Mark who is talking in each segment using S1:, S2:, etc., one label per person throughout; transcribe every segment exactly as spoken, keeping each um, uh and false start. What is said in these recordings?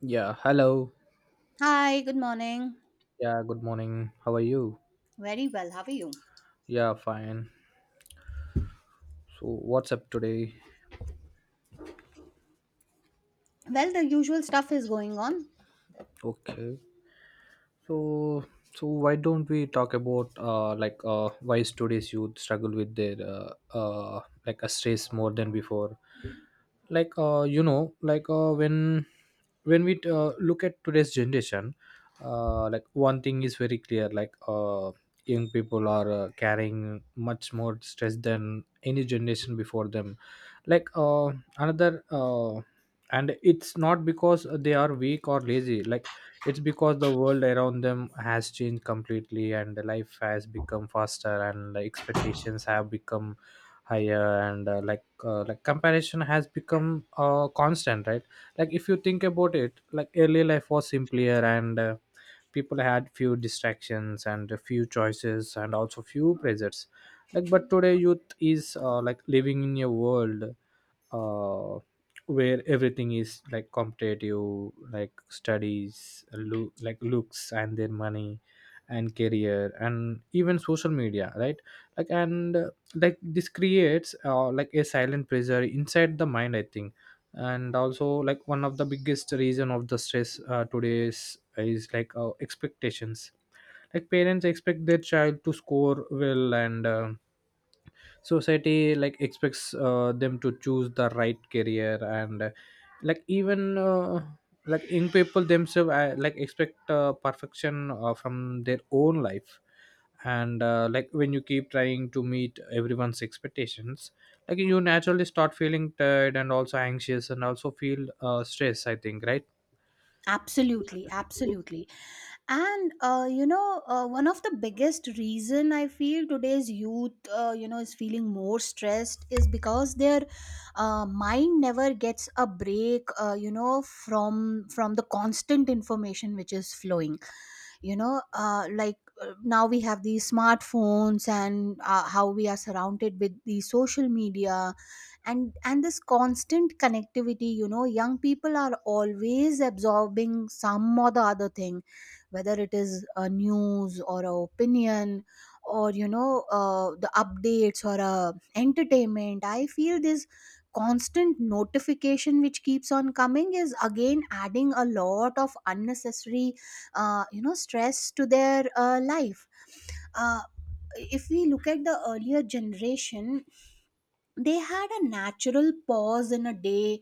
S1: Yeah, hello.
S2: Hi, good morning.
S1: Yeah, good morning. How are you?
S2: Very well. How are you?
S1: Yeah, fine. So, what's up today?
S2: Well, the usual stuff is going on.
S1: Okay. So, so why don't we talk about uh like uh why today's youth struggle with their uh, uh like a stress more than before? Like uh, you know like uh, when when we uh, look at today's generation, uh, like one thing is very clear, like uh, young people are uh, carrying much more stress than any generation before them. Like uh, another uh, and it's not because they are weak or lazy, like it's because the world around them has changed completely, and the life has become faster, and the expectations have become higher, and uh, like uh, like comparison has become uh, constant, right? Like if you think about it, like early life was simpler, and uh, people had few distractions and a few choices and also few pressures. Like but today youth is, uh, like, living in a world uh, where everything is like competitive, like studies, loo- like looks, and their money, and career, and even social media, right? Like and uh, like this creates, uh, like, a silent pressure inside the mind, I think. And also like one of the biggest reason of the stress uh, today is, is like uh, expectations. Like parents expect their child to score well and. Um society like expects uh, them to choose the right career, and uh, like even uh, like young people themselves uh, like expect uh, perfection uh, from their own life. And uh, like when you keep trying to meet everyone's expectations, like you naturally start feeling tired and also anxious and also feel uh, stress, I think, right?
S2: Absolutely, absolutely. And uh, you know, uh, one of the biggest reason I feel today's youth, uh, you know, is feeling more stressed is because their uh, mind never gets a break, uh, you know, from from the constant information which is flowing. You know uh, like uh, now we have these smartphones, and uh, how we are surrounded with the social media, and and this constant connectivity. You know young people are always absorbing some or the other thing, whether it is a news or a opinion, or you know uh, the updates or a entertainment. I feel this constant notification which keeps on coming is again adding a lot of unnecessary uh, you know stress to their uh, life. uh, if we look at the earlier generation, they had a natural pause in a day,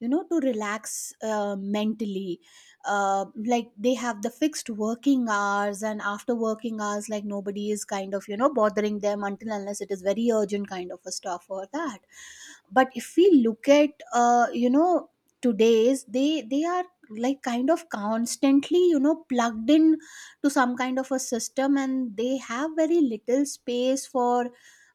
S2: you know to relax uh, mentally. Uh, like they have the fixed working hours, and after working hours, like nobody is kind of you know bothering them until unless it is very urgent kind of a stuff or that. But if we look at uh, you know today's, they they are like kind of constantly you know plugged in to some kind of a system, and they have very little space for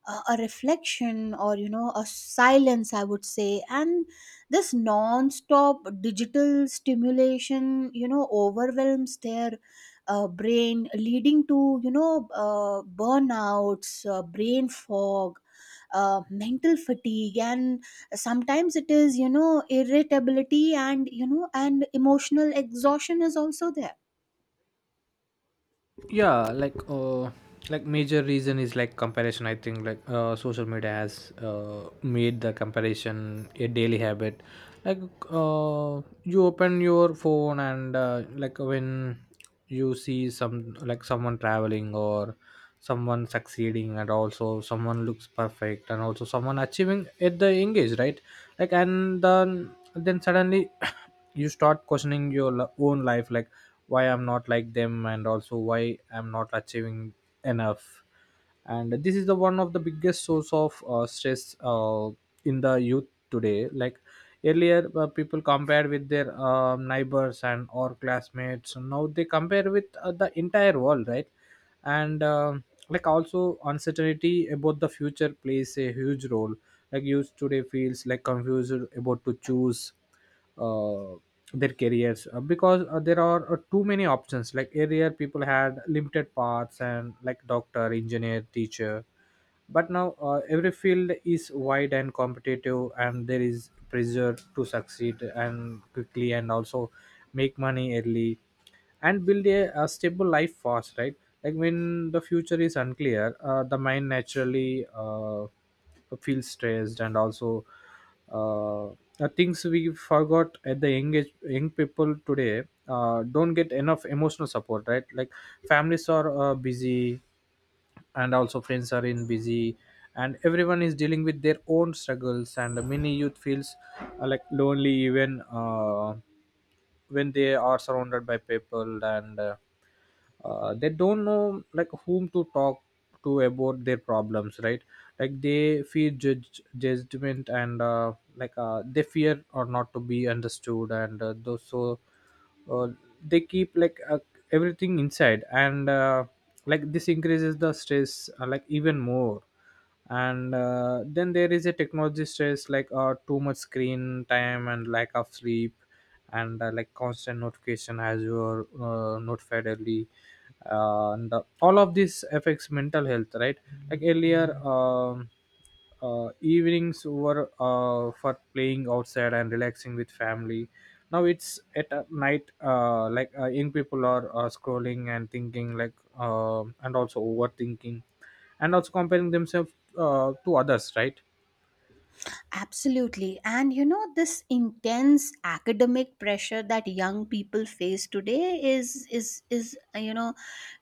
S2: uh, a reflection or you know a silence, I would say. And this non-stop digital stimulation you know overwhelms their uh, brain, leading to you know uh, burnouts, uh, brain fog, uh, mental fatigue, and sometimes it is you know irritability and you know and emotional exhaustion is also there.
S1: Yeah, like uh like major reason is like comparison, I think. Like uh, social media has uh, made the comparison a daily habit. Like uh, you open your phone and uh, like when you see some like someone traveling or someone succeeding and also someone looks perfect and also someone achieving at the young age, right? Like and then then suddenly you start questioning your lo- own life, like why I'm not like them and also why I'm not achieving enough. And this is the one of the biggest source of uh, stress uh, in the youth today. Like earlier, uh, people compared with their uh, neighbors and or classmates. Now they compare with uh, the entire world, right? And um like also uncertainty about the future plays a huge role. Like youth today feels like confused about to choose uh, their careers uh, because uh, there are uh, too many options. Like earlier, people had limited paths and like doctor, engineer, teacher. But now uh, every field is wide and competitive, and there is pressure to succeed and quickly and also make money early and build a, a stable life fast, right? Like when the future is unclear, uh, the mind naturally uh, feels stressed. And also uh, the things we forgot at the young age, young people today uh, don't get enough emotional support, right? Like families are uh, busy and also friends are in busy, and everyone is dealing with their own struggles, and many youth feels uh, like lonely even uh, when they are surrounded by people, and uh, uh, they don't know like whom to talk to about their problems, right? Like they fear judge, judgment, and uh, like uh, they fear or not to be understood, and uh, those so uh, they keep like uh, everything inside. And uh, like this increases the stress uh, like even more. And uh, then there is a technology stress, like uh, too much screen time and lack of sleep and uh, like constant notification as you are uh, notified early. Uh, and uh, all of this affects mental health, right? Like earlier um, uh, evenings were uh, for playing outside and relaxing with family. Now it's at a night, uh, like uh, young people are uh, scrolling and thinking, like um and also overthinking and also comparing themselves uh, to others, right?
S2: Absolutely. And you know, this intense academic pressure that young people face today is is is uh, you know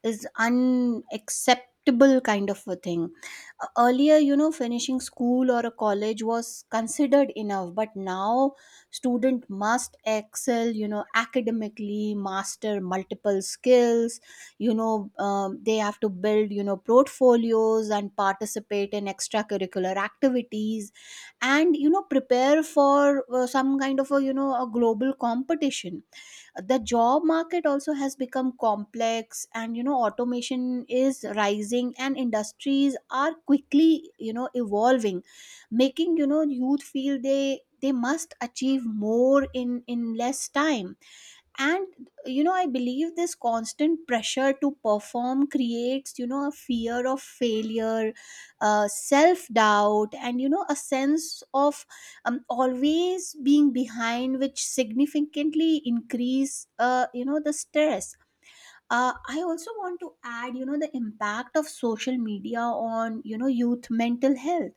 S2: is unacceptable kind of a thing. Uh, Earlier, you know, finishing school or a college was considered enough, but now student must excel, you know, academically, master multiple skills, you know, um, they have to build, you know, portfolios and participate in extracurricular activities, and you know prepare for uh, some kind of a you know a global competition. The job market also has become complex, and you know automation is rising and industries are quickly you know evolving, making you know youth feel they they must achieve more in in less time. And you know I believe this constant pressure to perform creates you know a fear of failure, uh, self doubt, and you know a sense of um, always being behind, which significantly increase uh, you know the stress. uh, I also want to add you know the impact of social media on you know youth mental health.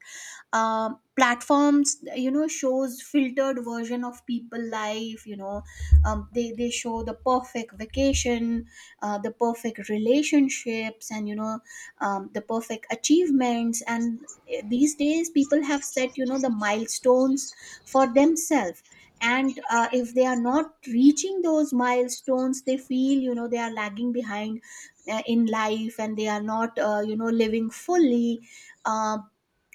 S2: um, Platforms you know shows filtered version of people life. You know um, they they show the perfect vacation, uh, the perfect relationships, and you know um, the perfect achievements. And eh, these days people have set you know the milestones for themselves, and uh, if they are not reaching those milestones, they feel you know they are lagging behind uh, in life, and they are not uh, you know living fully. Uh,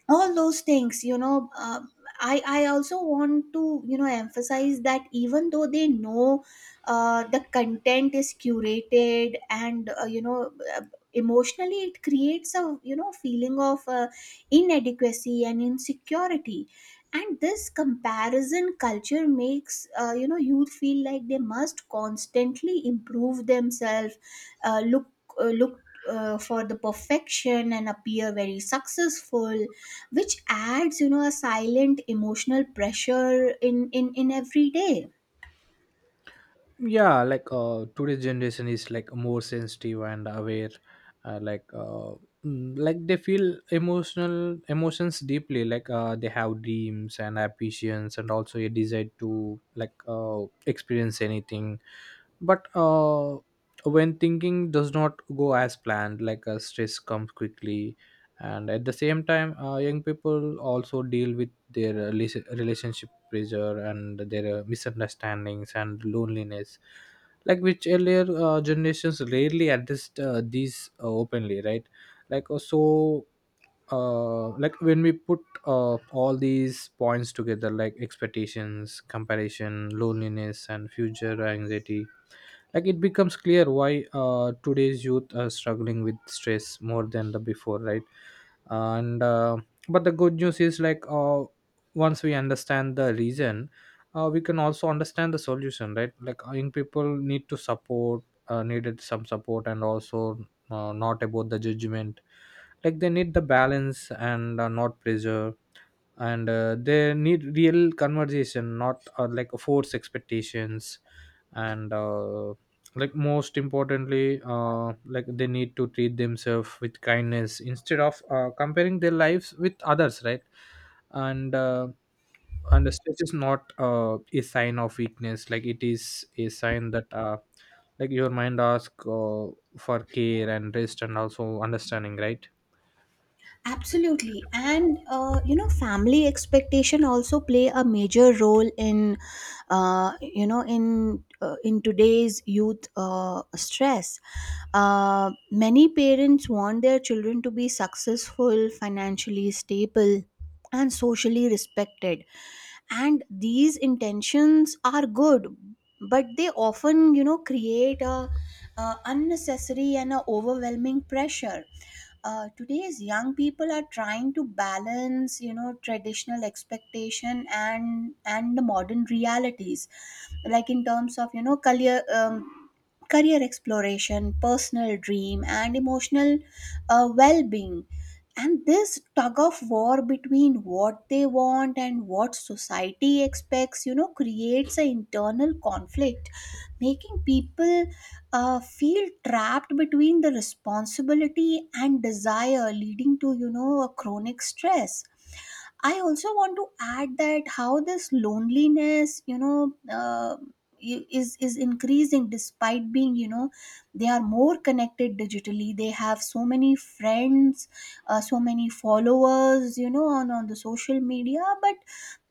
S2: all those things you know uh, I I also want to you know emphasize that even though they know uh, the content is curated, and uh, you know uh, emotionally it creates a you know feeling of uh, inadequacy and insecurity. And this comparison culture makes uh, you know youth feel like they must constantly improve themselves, uh, look uh, look uh, for the perfection and appear very successful, which adds you know a silent emotional pressure in in in every day.
S1: Yeah, like uh today's generation is like more sensitive and aware, uh, like uh mm, like they feel emotional emotions deeply. Like uh they have dreams and ambitions and also a desire to like uh experience anything. But uh when thinking does not go as planned, like uh, stress comes quickly. And at the same time, uh, young people also deal with their uh, rela- relationship pressure and their uh, misunderstandings and loneliness, like which earlier uh, generations rarely addressed uh, these uh, openly, right? Like uh, so uh, like when we put uh, all these points together, like expectations, comparison, loneliness and future anxiety, like it becomes clear why uh, today's youth are struggling with stress more than the before, right? And uh, but the good news is like uh, once we understand the reason, uh, we can also understand the solution, right? Like uh, young people need to support uh, needed some support, and also uh, not about the judgment. Like they need the balance and uh, not pressure. And uh, they need real conversation, not uh, like force expectations. And uh, like most importantly uh, like they need to treat themselves with kindness instead of uh, comparing their lives with others, right? And uh, and the stress is not uh, a sign of weakness, like it is a sign that uh, like your mind asks uh, for care and rest and also understanding, right?
S2: Absolutely, and uh, you know family expectation also play a major role in uh, you know in uh, in today's youth uh, stress. Uh, many parents want their children to be successful, financially stable, and socially respected. And these intentions are good, but they often you know create a, a unnecessary and a overwhelming pressure. Uh, today's young people are trying to balance you know traditional expectation and and the modern realities, like in terms of you know career, um, career exploration, personal dream, and emotional uh, well-being. And this tug of war between what they want and what society expects you know creates an internal conflict, making people uh, feel trapped between the responsibility and desire, leading to you know a chronic stress. I also want to add that how this loneliness, you know, uh, i- is is increasing despite being, you know, they are more connected digitally. They have so many friends, uh, so many followers, you know, on on the social media. But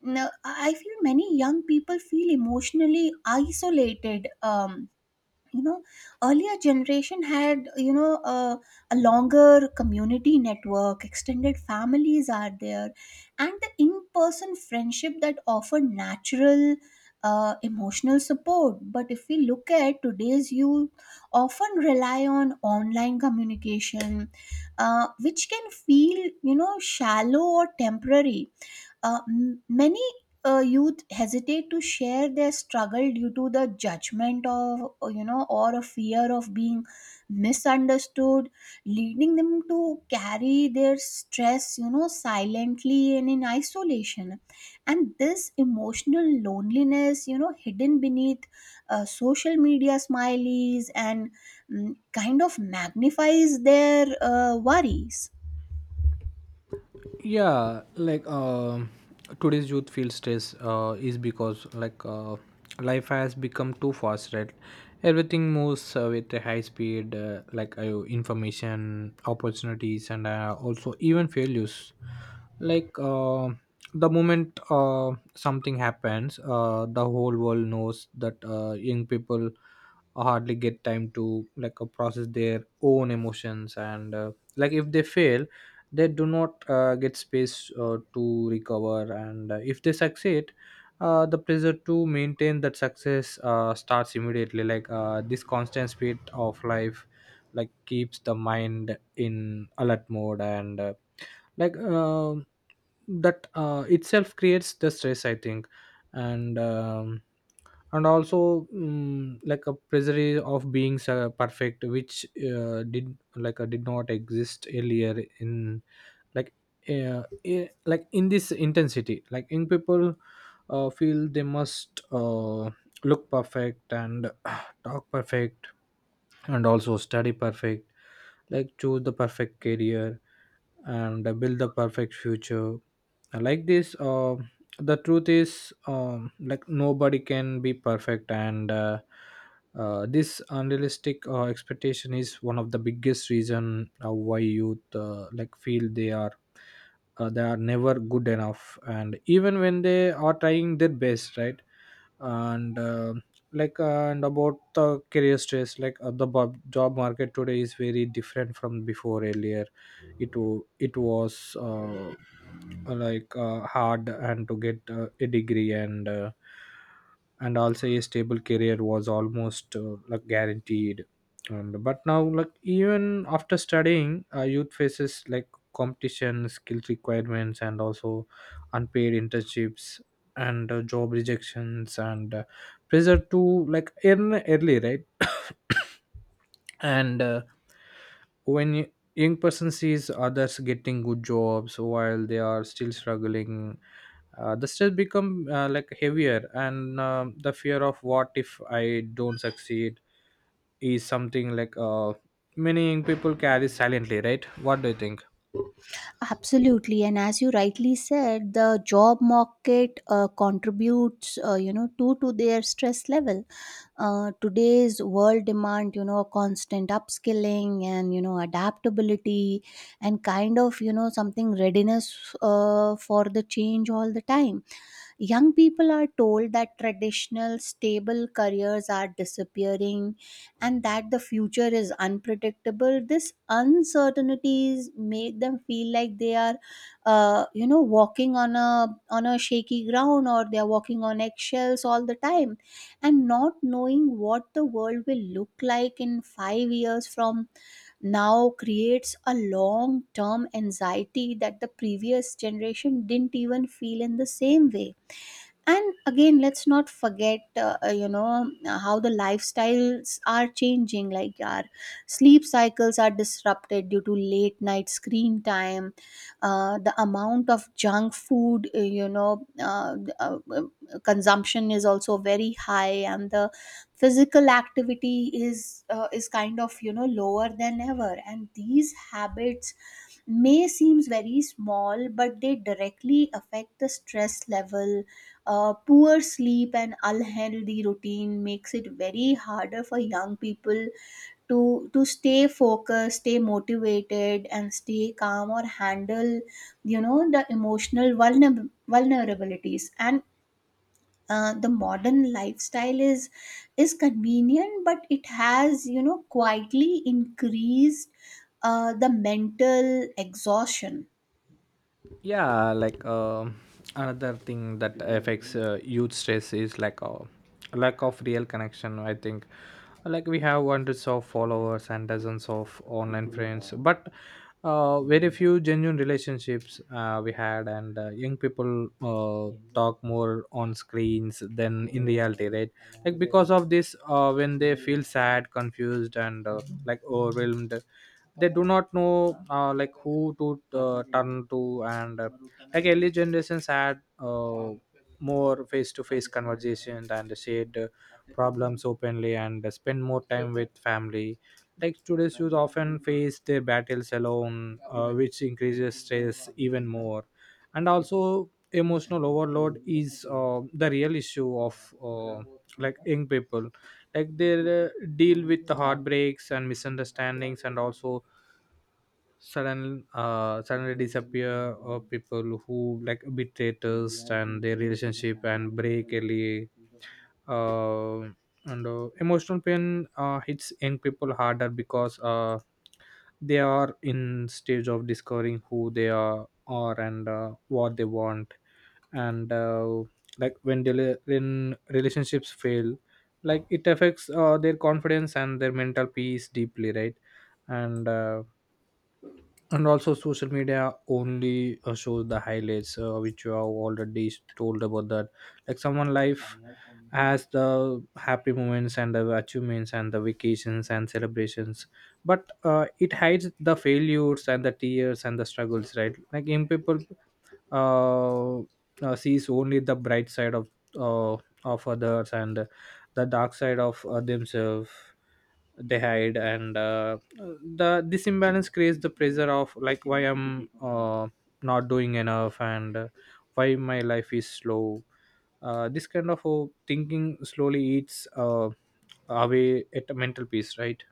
S2: no, I I feel many young people feel emotionally isolated. Um, you know Earlier generation had you know a, a longer community network, extended families are there, and the in-person friendship that offer natural uh, emotional support. But if we look at today's youth, often rely on online communication, uh, which can feel you know shallow or temporary. Uh, m- many uh, youth hesitate to share their struggle due to the judgment of uh, you know or a fear of being misunderstood, leading them to carry their stress you know silently and in isolation. And this emotional loneliness you know hidden beneath uh, social media smileys and mm, kind of magnifies their uh, worries.
S1: Yeah, like um today's youth feels stress uh, is because like uh, life has become too fast, right? Everything moves uh, with a high speed, uh, like uh, information, opportunities, and uh, also even failures. Like uh, the moment uh, something happens, uh, the whole world knows that uh, young people hardly get time to like uh, process their own emotions. And uh, like if they fail, they do not uh, get space uh, to recover. And uh, if they succeed, uh, the pressure to maintain that success uh, starts immediately. Like uh, this constant speed of life like keeps the mind in alert mode. And uh, like um that uh, itself creates the stress, I think. And um, and also mm, like a pressure of being uh, perfect, which uh, did like uh, did not exist earlier in like uh, eh, like in this intensity. Like young people uh, feel they must uh, look perfect and talk perfect and also study perfect, like choose the perfect career and uh, build the perfect future. And like this uh, the truth is, um, like nobody can be perfect. And uh, uh, this unrealistic uh, expectation is one of the biggest reason uh, why youth uh, like feel they are uh, they are never good enough and even when they are trying their best, right? And uh, like uh, and about the career stress, like uh, the bob, job market today is very different from before. Earlier it wa- it was uh, like uh, hard and to get uh, a degree, and uh, and also a stable career was almost uh, like guaranteed. And but now like even after studying, uh, youth faces like competition, skills requirements, and also unpaid internships and uh, job rejections and uh, pressure to like earn early, right? And uh, when y- young person sees others getting good jobs while they are still struggling, uh, the stress become uh, like heavier. And um the fear of what if I don't succeed is something like uh, many young people carry silently, right? What do you think?
S2: Absolutely, and as you rightly said, the job market uh, contributes, uh, you know, to to their stress level. Uh, today's world demand, you know, constant upskilling and you know adaptability, and kind of you know something readiness uh, for the change all the time. Young people are told that traditional, stable careers are disappearing, and that the future is unpredictable. This uncertainties make them feel like they are, uh, you know, walking on a on a shaky ground, or they are walking on eggshells all the time, and not knowing what the world will look like in five years from now creates a long term anxiety that the previous generation didn't even feel in the same way. And again, let's not forget uh, uh, you know uh, how the lifestyles are changing, like our sleep cycles are disrupted due to late night screen time, uh, the amount of junk food uh, you know uh, uh, uh, consumption is also very high, and the physical activity is uh, is kind of you know lower than ever. And these habits may seems very small, but they directly affect the stress level. Uh, poor sleep and unhealthy routine makes it very harder for young people to to stay focused, stay motivated, and stay calm, or handle you know the emotional vulner- vulnerabilities, and uh, the modern lifestyle is is convenient, but it has you know quietly increased uh, the mental exhaustion.
S1: Yeah, like uh, another thing that affects uh, youth stress is like uh, lack of real connection, I think. Like we have hundreds of followers and dozens of online friends, but uh, very few genuine relationships uh, we had. And uh, young people uh, talk more on screens than in reality, right? Like because of this, uh, when they feel sad, confused, and uh, like overwhelmed, they do not know uh, like who to uh, turn to. And uh, like early generations had uh, more face-to-face conversations and shared uh, problems openly and spend more time with family. Like today's youth often face their battles alone, uh, which increases stress even more. And also emotional overload is uh, the real issue of uh, like young people. Like they uh, deal with the heartbreaks and misunderstandings and also sudden uh suddenly disappear or people who like betrayers and their relationship and break early. Uh, and uh, emotional pain uh, hits young people harder because uh they are in stage of discovering who they are are and uh, what they want. And uh, like when they li- when relationships fail, like it affects uh, their confidence and their mental peace deeply, right? And uh, and also social media only uh, shows the highlights, uh, which you have already told about that, like someone life has the happy moments and the achievements and the vacations and celebrations. But uh, It hides the failures and the tears and the struggles, right? Like, in people, uh, uh, sees only the bright side of uh, of others and the dark side of uh, themselves they hide. And uh, the this imbalance creates the pressure of like why I'm uh, not doing enough and uh, why my life is slow. Uh, this kind of uh, thinking slowly eats uh, away at mental peace, right?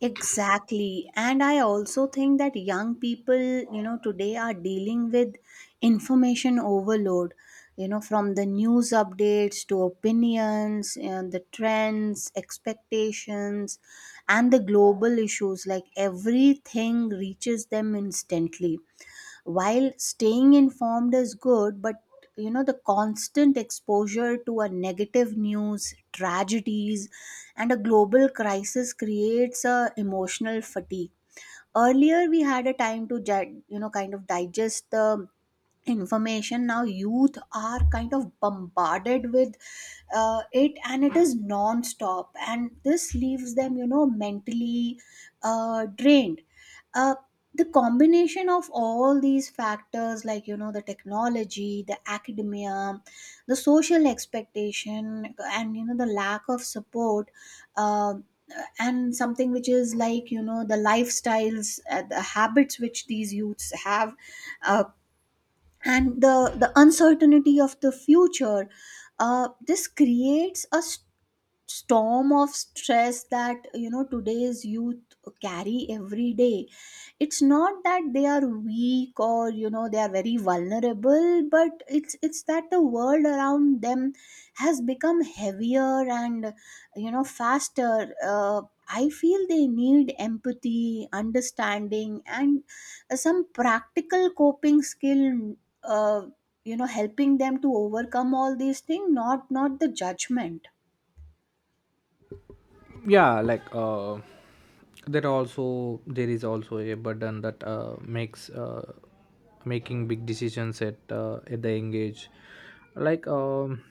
S2: Exactly, and I also think that young people you know today are dealing with information overload, you know from the news updates to opinions and the trends expectations and the global issues, like everything reaches them instantly. While staying informed is good, but you know the constant exposure to a negative news, tragedies, and a global crisis creates a emotional fatigue. Earlier we had a time to ju- you know kind of digest the information. Now youth are kind of bombarded with uh, it, and it is non-stop, and this leaves them you know mentally uh, drained. uh, the combination of all these factors, like you know the technology, the academia, the social expectation, and you know the lack of support, uh, and something which is like you know the lifestyles, uh, the habits which these youths have, uh, and the the uncertainty of the future, uh, this creates a storm of stress that you know today's youth carry every day. It's not that they are weak, or you know they are very vulnerable, but it's it's that the world around them has become heavier and you know faster. uh, I feel they need empathy, understanding, and uh, some practical coping skill, uh, you know helping them to overcome all these things, not not the judgment.
S1: Yeah, like, uh, there also there is also a burden that uh, makes uh, making big decisions at uh, at the young age. Like, um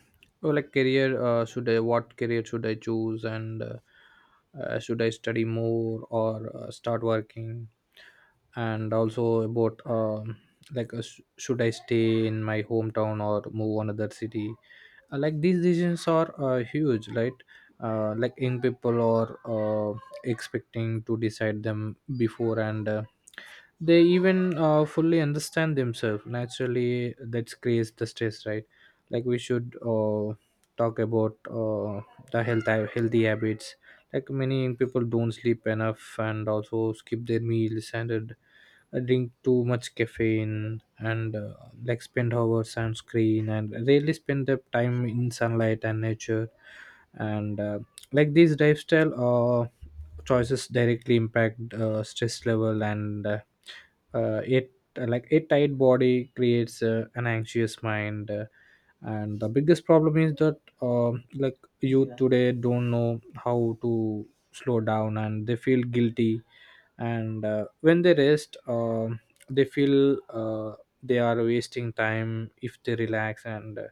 S1: or like career, uh, should I, what career should I choose? And uh, uh, should I study more or uh, start working? And also about, um, like, uh, sh- should I stay in my hometown or move another city? Uh, like, these decisions are uh, huge, right? Uh, like, in people or uh, expecting to decide them before and uh, they even uh, fully understand themselves. Naturally that creates the stress, right? Like, we should uh, talk about uh, the health uh, healthy habits. Like, many people don't sleep enough and also skip their meals and uh, drink too much caffeine and uh, like spend hours on screen and rarely spend their time in sunlight and nature. And uh, Like, these lifestyle uh, choices directly impact uh, stress level. And uh, uh, it uh, Like, a tight body creates uh, an anxious mind. Uh, and the biggest problem is that, um like, youth today don't know how to slow down and they feel guilty. And uh, When they rest, um they feel uh, they are wasting time if they relax. And uh,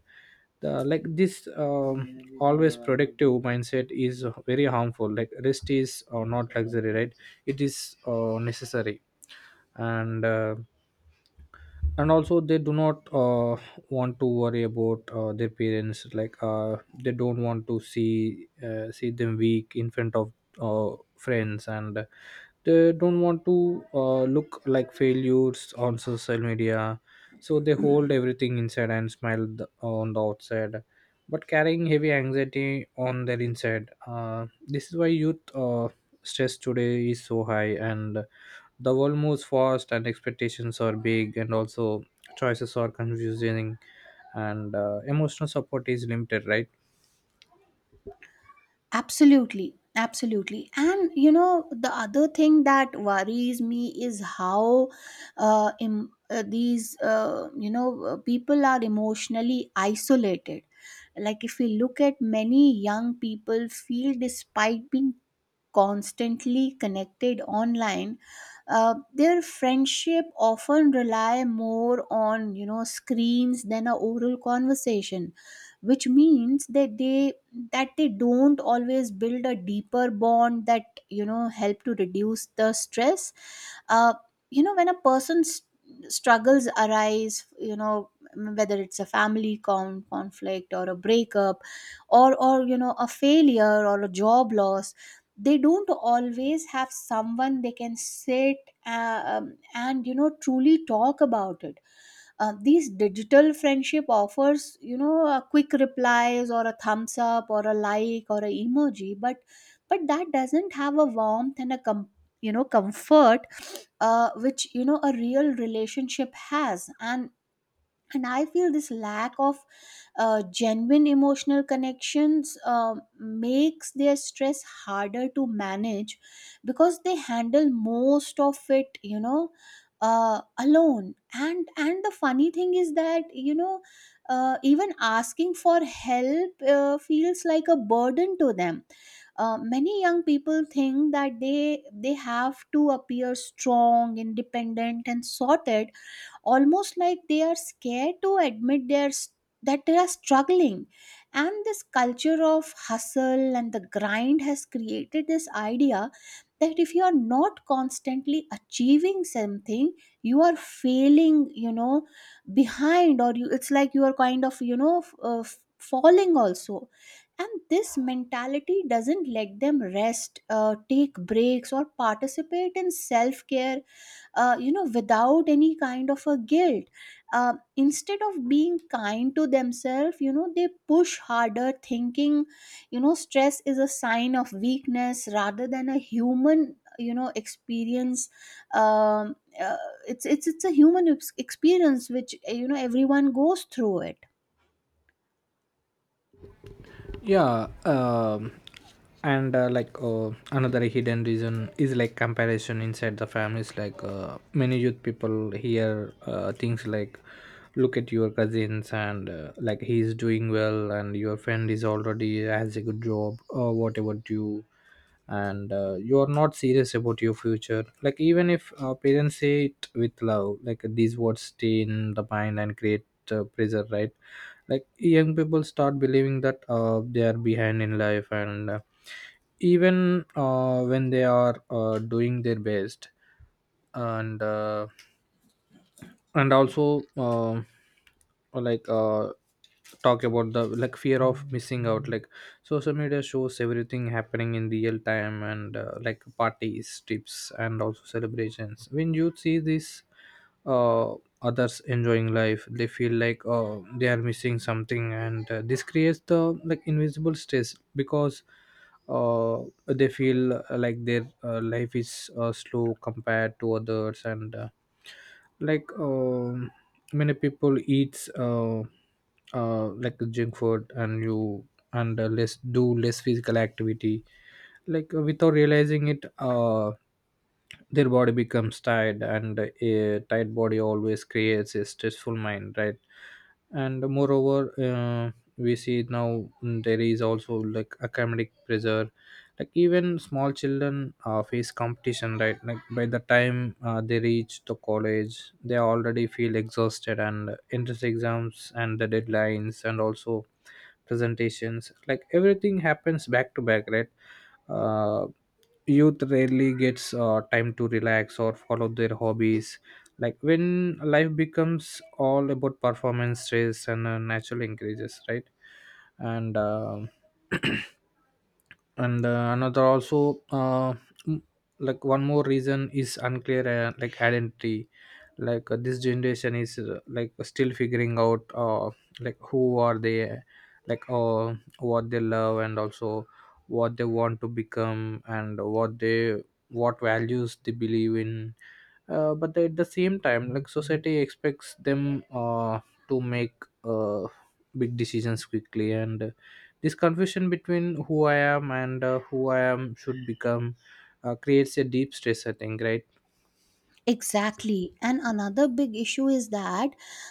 S1: the like this um, Always productive mindset is very harmful. Like, rest is uh, not luxury, right? It is uh, necessary. and uh, and also they do not uh, want to worry about uh, their parents. Like, uh, they don't want to see uh, see them weak in front of uh, friends and they don't want to uh, look like failures on social media. So they hold everything inside and smile the, on the outside but carrying heavy anxiety on their inside. Uh, this is why youth, uh, stress today is so high and the world moves fast and expectations are big and also choices are confusing and uh, emotional support is limited, right?
S2: Absolutely, absolutely. And you know, the other thing that worries me is how uh, em- uh, these, uh, you know, uh, people are emotionally isolated. Like, if we look at many young people, feel despite being constantly connected online, uh, their friendship often rely more on you know screens than a oral conversation, which means that they that they don't always build a deeper bond that you know help to reduce the stress. uh, you know when a person's struggles arise, you know whether it's a family con- conflict or a breakup, or or you know a failure or a job loss, they don't always have someone they can sit uh, um, and you know truly talk about it. Uh, these digital friendship offers you know a quick replies or a thumbs up or a like or a emoji, but but that doesn't have a warmth and a com- you know comfort, uh, which you know a real relationship has. And and I feel this lack of uh, genuine emotional connections uh, makes their stress harder to manage, because they handle most of it you know uh, alone. And and the funny thing is that, you know uh, even asking for help uh, feels like a burden to them. Uh, many young people think that they they have to appear strong, independent, and sorted, almost like they are scared to admit they that they are struggling. And this culture of hustle and the grind has created this idea that if you are not constantly achieving something, you are failing, you know, behind, or you, it's like you are kind of, you know, f- uh, f- falling also. And this mentality doesn't let them rest, uh, take breaks, or participate in self-care, uh, you know without any kind of a guilt. Uh, instead of being kind to themselves, you know they push harder, thinking you know stress is a sign of weakness rather than a human you know experience. Um, uh, it's it's it's a human ex- experience which uh, you know everyone goes through it.
S1: Yeah. um and uh, Like, uh, another hidden reason is like comparison inside the families. Like, uh, many youth people hear uh, things like, look at your cousins and, uh, like, he is doing well and your friend is already has a good job, or whatever, you, and uh, you are not serious about your future. Like, even if uh, parents say it with love, like these words stay in the mind and create uh, pressure, right? Like, young people start believing that uh, they are behind in life, and uh, even uh, when they are uh, doing their best. And uh, and also um Like, uh, talk about the, like, fear of missing out. Like, social media shows everything happening in real time, and, uh, like, parties, trips and also celebrations. When you see this, uh, others enjoying life, they feel like, oh, they are missing something, and uh, this creates the, like, invisible stress because uh, they feel, uh, like, their uh, life is uh, slow compared to others. And uh, like um Many people eats, uh, uh, like, junk food and you, and uh, less, do less physical activity. Like, uh, without realizing it, uh, their body becomes tired and a tight body always creates a stressful mind, right? And moreover, uh, we see now, mm, there is also, like, academic pressure. Like, even small children uh, face competition, right? Like, by the time uh, they reach the college, they already feel exhausted, and entrance exams and the deadlines and also presentations, like, everything happens back to back, right? uh, Youth rarely gets uh, time to relax or follow their hobbies. Like, when life becomes all about performance, stress and uh, natural increases, right? and um and uh, another also uh, mm, Like, one more reason is unclear, uh, like, identity. Like, uh, this generation is, uh, like, still figuring out, uh, like, who are they, like, uh, what they love and also what they want to become and what they, what values they believe in. Uh, but at the same time, like, society expects them uh, to make uh, big decisions quickly, and uh, this confusion between who I am and, uh, who I am should become, uh, creates a deep stress, I think, right?
S2: Exactly. And another big issue is that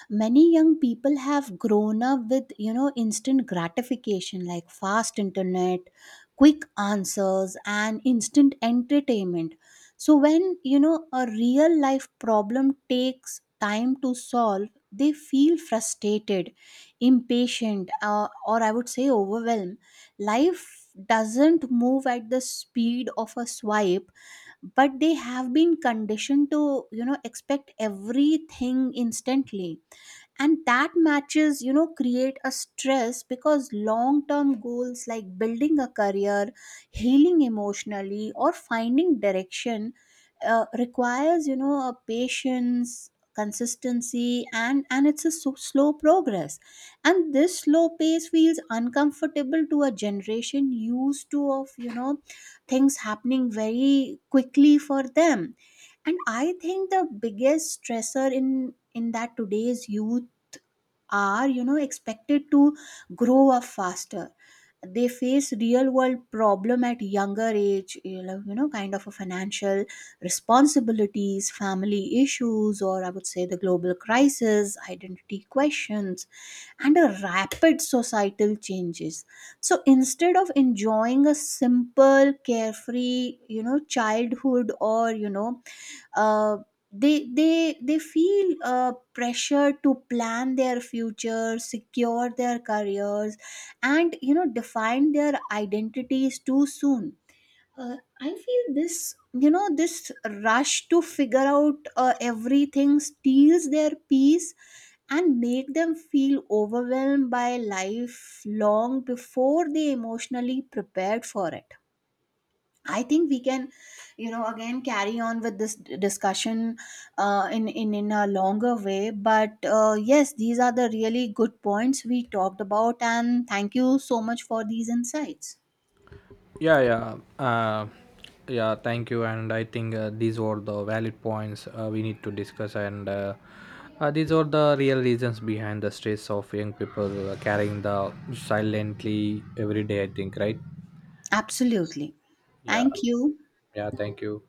S2: many young people have grown up with, you know, instant gratification, like fast internet, quick answers, and instant entertainment. So when, you know, a real life problem takes time to solve, they feel frustrated, impatient, uh, or I would say overwhelmed. Life doesn't move at the speed of a swipe, but they have been conditioned to you know expect everything instantly, and that matches you know create a stress, because long term goals like building a career, healing emotionally, or finding direction, uh, requires you know a patience, consistency, and and it's a so, slow progress. And this slow pace feels uncomfortable to a generation used to of you know things happening very quickly for them. And I think the biggest stressor in in that today's youth are you know expected to grow up faster. They face real world problem at younger age, you know you know, kind of a financial responsibilities, family issues, or I would say the global crisis, identity questions, and a rapid societal changes. So instead of enjoying a simple carefree you know childhood, or you know uh, they they they feel uh, pressure to plan their future, secure their careers, and you know define their identities too soon. uh, I feel this, you know this rush to figure out uh, everything steals their peace, and make them feel overwhelmed by life long before they emotionally prepared for it. I think we can, you know, again carry on with this d- discussion uh, in in in a longer way. But uh, yes, these are the really good points we talked about, and thank you so much for these insights.
S1: yeah yeah uh, yeah, thank you, and I think uh, these were the valid points uh, we need to discuss, and uh, uh, these are the real reasons behind the stress of young people uh, carrying the silently every day, I think, right?
S2: Absolutely,
S1: Yeah.
S2: thank you.
S1: Yeah, thank you.